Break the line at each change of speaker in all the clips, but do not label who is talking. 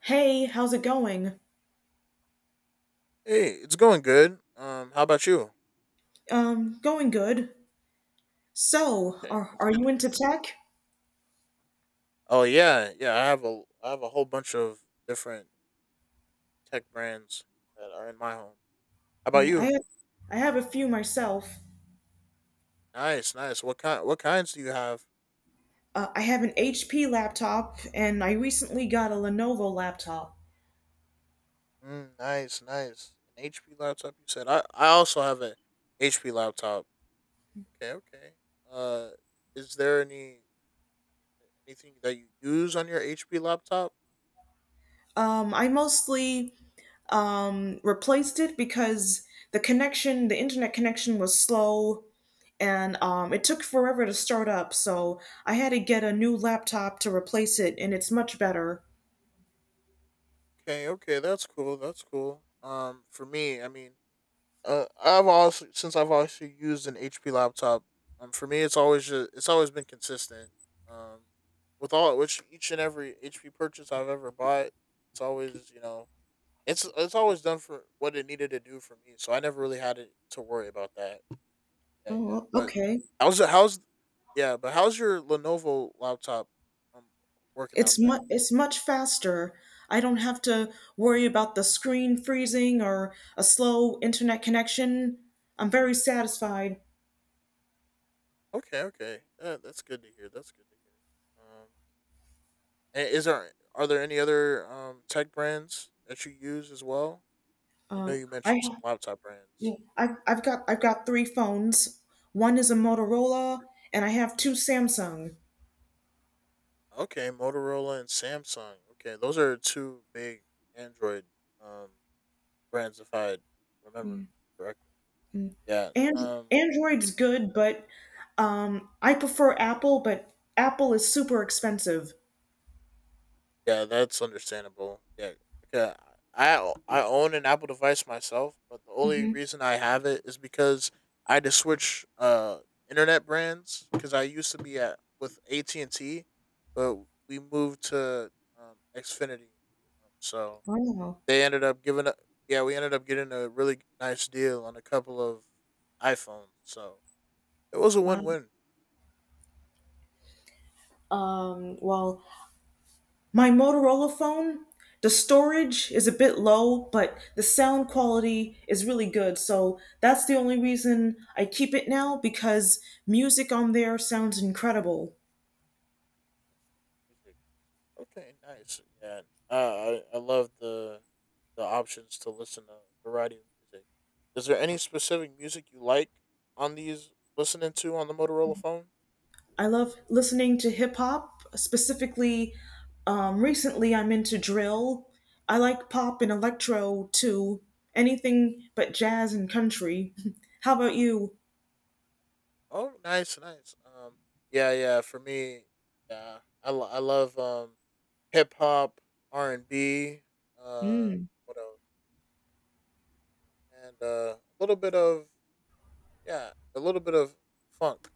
Hey, how's it going?
Hey, it's going good. How about you?
Going good. So,
Okay,
are
that's
are
good
you
to hear.
into tech?
Oh yeah, yeah. I have a whole bunch of different tech brands that are in my home. How about
Yeah,
you?
I have a few myself.
Nice, nice. What kinds do you have?
I have an HP laptop, and I recently got a Lenovo laptop.
Mm, nice, nice. An HP laptop, you said. I also have an HP laptop. Okay, okay. Uh, is there any anything that you use on your HP laptop?
I mostly replaced it because the connection, the internet connection, was slow, and it took forever to start up. So I had to get a new laptop to replace it, and it's much better.
Okay, okay. That's cool. That's cool. For me, I mean. I've also used an HP laptop. For me, it's always it's always been consistent. Um, with all which each and every HP purchase I've ever bought, it's always you know it's always done for what it needed to do for me. So I never really had to, worry about that. Yeah,
Oh,
yeah.
well,
But
okay.
how's it? How's yeah? But how's your Lenovo laptop um working out then?
It's much faster. I don't have to worry about the screen freezing or a slow internet connection. I'm very satisfied.
Okay, okay. Yeah, that's good to hear. That's good to hear. And is there are there any other tech brands that you use as well? I know
Uh,
you
I
mentioned some laptop brands.
I've got three phones. One is a Motorola, and I have two Samsung.
Okay, Motorola and Samsung. Okay, those are two big Android um, brands, if I remember correctly. Yeah.
And
Um,
Android's good, but I prefer Apple. But Apple is super expensive.
Yeah, that's understandable. Yeah, okay. I own an Apple device myself, but the only
Hmm.
reason I have it is because I had to switch internet brands because I used to be at with AT&T and T, but we moved to Xfinity, so
Wow,
they ended up giving up. Yeah, we ended up getting a really nice deal on a couple of iPhones, so it was a
wow.
win win.
Well, my Motorola phone, the storage is a bit low, but the sound quality is really good. So that's the only reason I keep it now because music on there sounds incredible.
Okay, nice. Yeah, I love the options to listen to a variety of music. Is there any specific music you like on these listening to on the Motorola phone?
I love listening to hip hop. Specifically, recently I'm into drill. I like pop and electro too. Anything but jazz and country. How about you?
Oh, nice, nice. Yeah, yeah. For me, yeah, I love hip hop, R and B, uh,
Mm.
what else, and a little bit of yeah, a little bit of funk,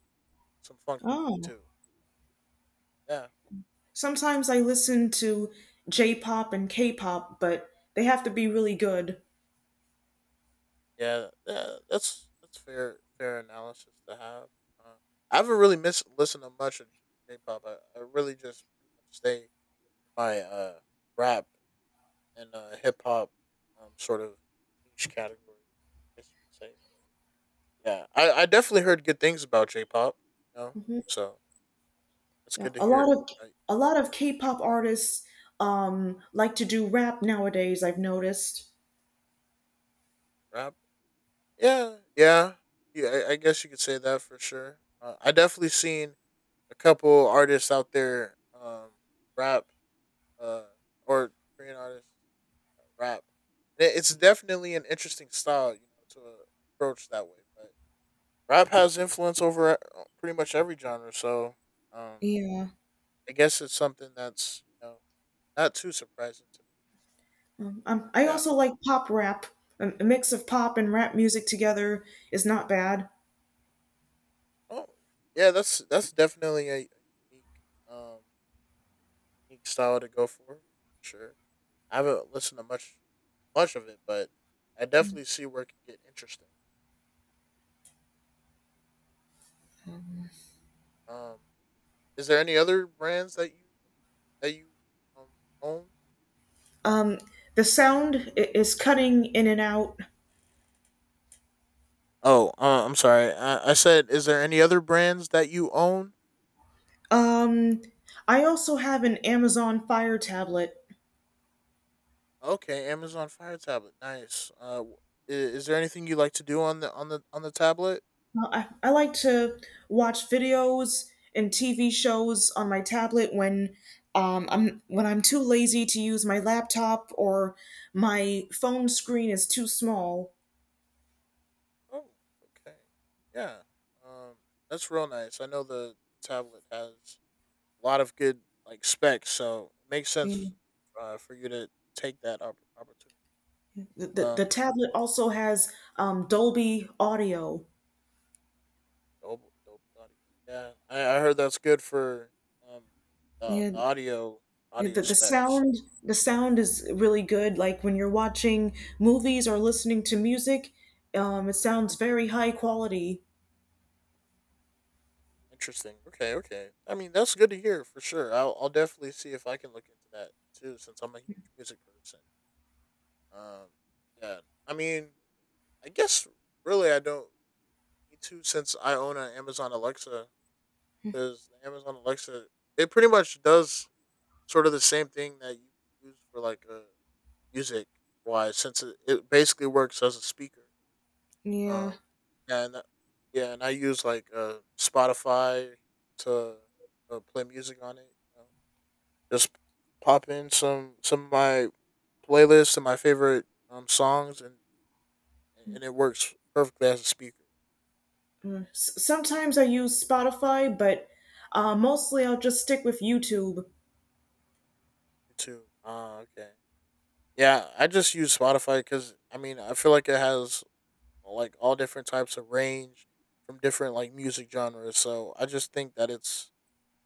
some funk music
Oh.
too. Yeah.
Sometimes I listen to J-pop and K-pop, but they have to be really good.
Yeah, yeah, that's fair analysis to have. Uh, I haven't really missed listened to much of J pop. I really just pretty much stay in my rap and hip hop sort of niche category, I guess you could say. Yeah, I definitely heard good things about J pop. You know,
Mhm.
so it's
Yeah,
good to
a lot
hear.
of
Like,
a lot of K-pop artists like to do rap nowadays. I've noticed.
rap, yeah, yeah, yeah. I guess you could say that for sure. I definitely seen a couple artists out there rap uh, or Korean artists rap. It's definitely an interesting style, you know, to approach that way. But rap has influence over pretty much every genre, so um,
Yeah.
I guess it's something that's, not too surprising to me. But
I
yeah,
also like pop rap. A mix of pop and rap music together is not bad.
oh yeah, that's definitely a unique um unique style to go for. Sure, I haven't listened to much of it, but I definitely see where it can get interesting. Um, is there any other brands that you um, own?
Um, the sound is cutting in and out.
Oh, I'm sorry. I said, is there any other brands that you own?
Um, I also have an Amazon Fire tablet.
Okay, Amazon Fire tablet. Nice. Is there anything you like to do on the on the on the tablet?
Well, I like to watch videos and TV shows on my tablet when I'm too lazy to use my laptop or my phone screen is too small.
Oh, okay. Yeah. Um, that's real nice. I know the tablet has a lot of good like specs, so it makes
Yeah.
sense for you to take that opportunity.
The
Um,
tablet also has Dolby audio.
Dolby Audio. Yeah, I heard that's good for um
Yeah,
the audio
the, the
specs.
sound the sound is really good. Like when you're watching movies or listening to music, it sounds very high quality.
Interesting. Okay, okay. I mean, that's good to hear for sure. I'll definitely see if I can look into that too, since I'm a huge music person. Um, yeah. I mean, I guess really I don't need to since I own an Amazon Alexa because the Amazon Alexa, it pretty much does sort of the same thing that you use for like music wise since it basically works as a speaker.
Yeah.
Um, and yeah, and I use like Spotify to play music on it, you know? Just pop in some of my playlists and my favorite songs, and it works perfectly as a speaker.
Sometimes I use Spotify, but mostly I'll just stick with YouTube.
YouTube. Ah, okay. Yeah, I just use Spotify because I mean I feel like it has like all different types of range from different like music genres. So I just think that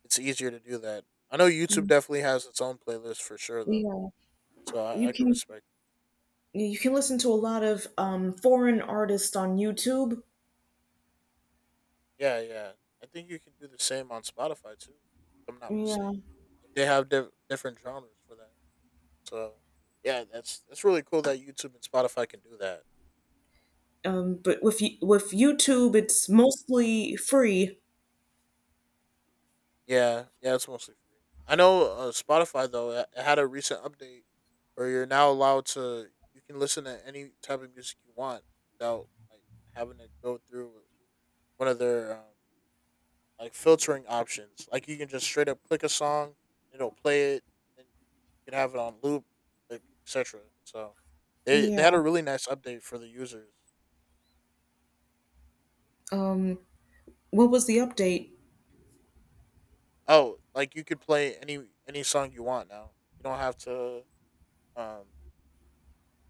it's easier to do that. I know YouTube
Mm.
definitely has its own playlist for sure though.
Yeah.
So
You
I can
can
respect.
you can listen to a lot of foreign artists on YouTube.
Yeah, yeah. I think you can do the same on Spotify too, if I'm not
Yeah,
mistaken. They have different genres for that. So yeah, that's really cool that YouTube and Spotify can do that.
but with YouTube, it's mostly free.
Yeah, yeah. It's mostly free. I know Spotify though. It had a recent update where you're now allowed to, you can listen to any type of music you want without like having to go through one of their like filtering options. Like you can just straight up click a song, it'll play it, and you can have it on loop, like etc. So they
Yeah.
had a really nice update for the users.
Um, what was the update?
Oh, like you could play any song you want now. You don't have to um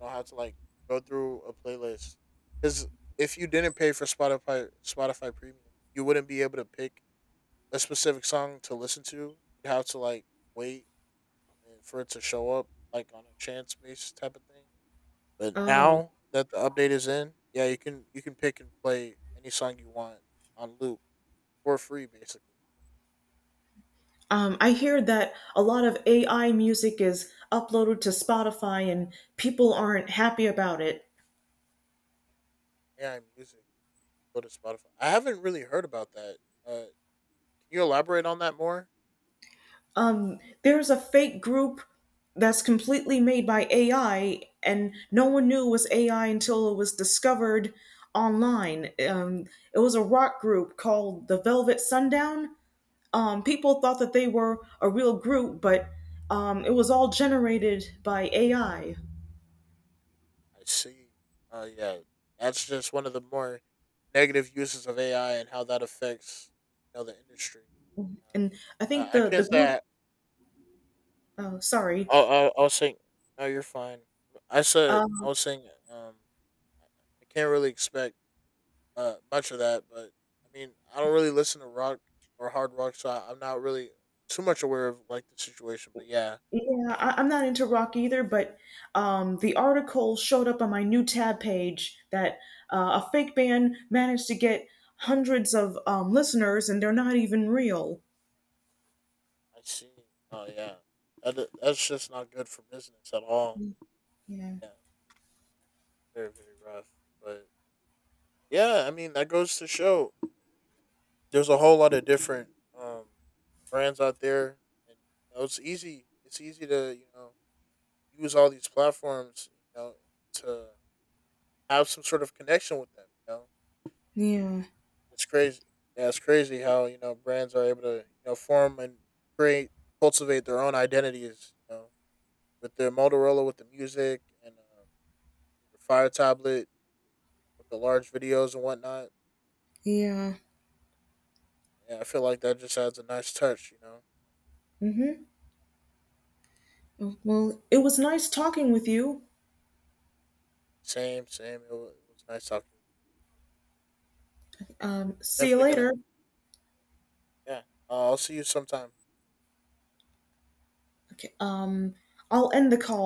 you don't have to like go through a playlist because if you didn't pay for Spotify Premium, you wouldn't be able to pick a specific song to listen to. You'd have to like wait and for it to show up like on a chance based type of thing. But
Oh,
now that the update is in, yeah, you can pick and play any song you want on loop for free, basically.
I hear that a lot of AI music is uploaded to Spotify, and people aren't happy about it.
AI music. Go to Spotify. I haven't really heard about that. Uh, can you elaborate on that more?
There's a fake group that's completely made by AI, and no one knew it was AI until it was discovered online. It was a rock group called the Velvet Sundown. People thought that they were a real group, but it was all generated by AI.
I see. Yeah, that's just one of the more negative uses of AI and how that affects, you know, the industry.
And I think
I
the
can't
group,
say
oh, sorry.
I was saying no, you're fine. I said I
Um.
was saying I I can't really expect much of that, but I mean, I don't really listen to rock or hard rock, so I'm not really too much aware of like the situation. But yeah,
Yeah, I'm not into rock either, but the article showed up on my new tab page that a fake band managed to get hundreds of listeners and they're not even real.
I see. Oh yeah, that, that's just not good for business at all.
Yeah.
Yeah, very rough. But yeah, I mean that goes to show there's a whole lot of different um, brands out there, and you know, it's easy. It's easy to, you know, use all these platforms, you know, to have some sort of connection with them. You know,
Yeah,
it's crazy. Yeah, it's crazy how, you know, brands are able to, you know, form and create, cultivate their own identities. You know, with their Motorola, with the music, and your Fire tablet, with the large videos and whatnot.
yeah.
Yeah, I feel like that just adds a nice touch. You know,
Mm-hmm. Well, it was nice talking with you.
same, same. It was nice talking. I'm
See you
definitely
later.
gonna. Yeah, I'll see you sometime.
Okay, I'll end the call.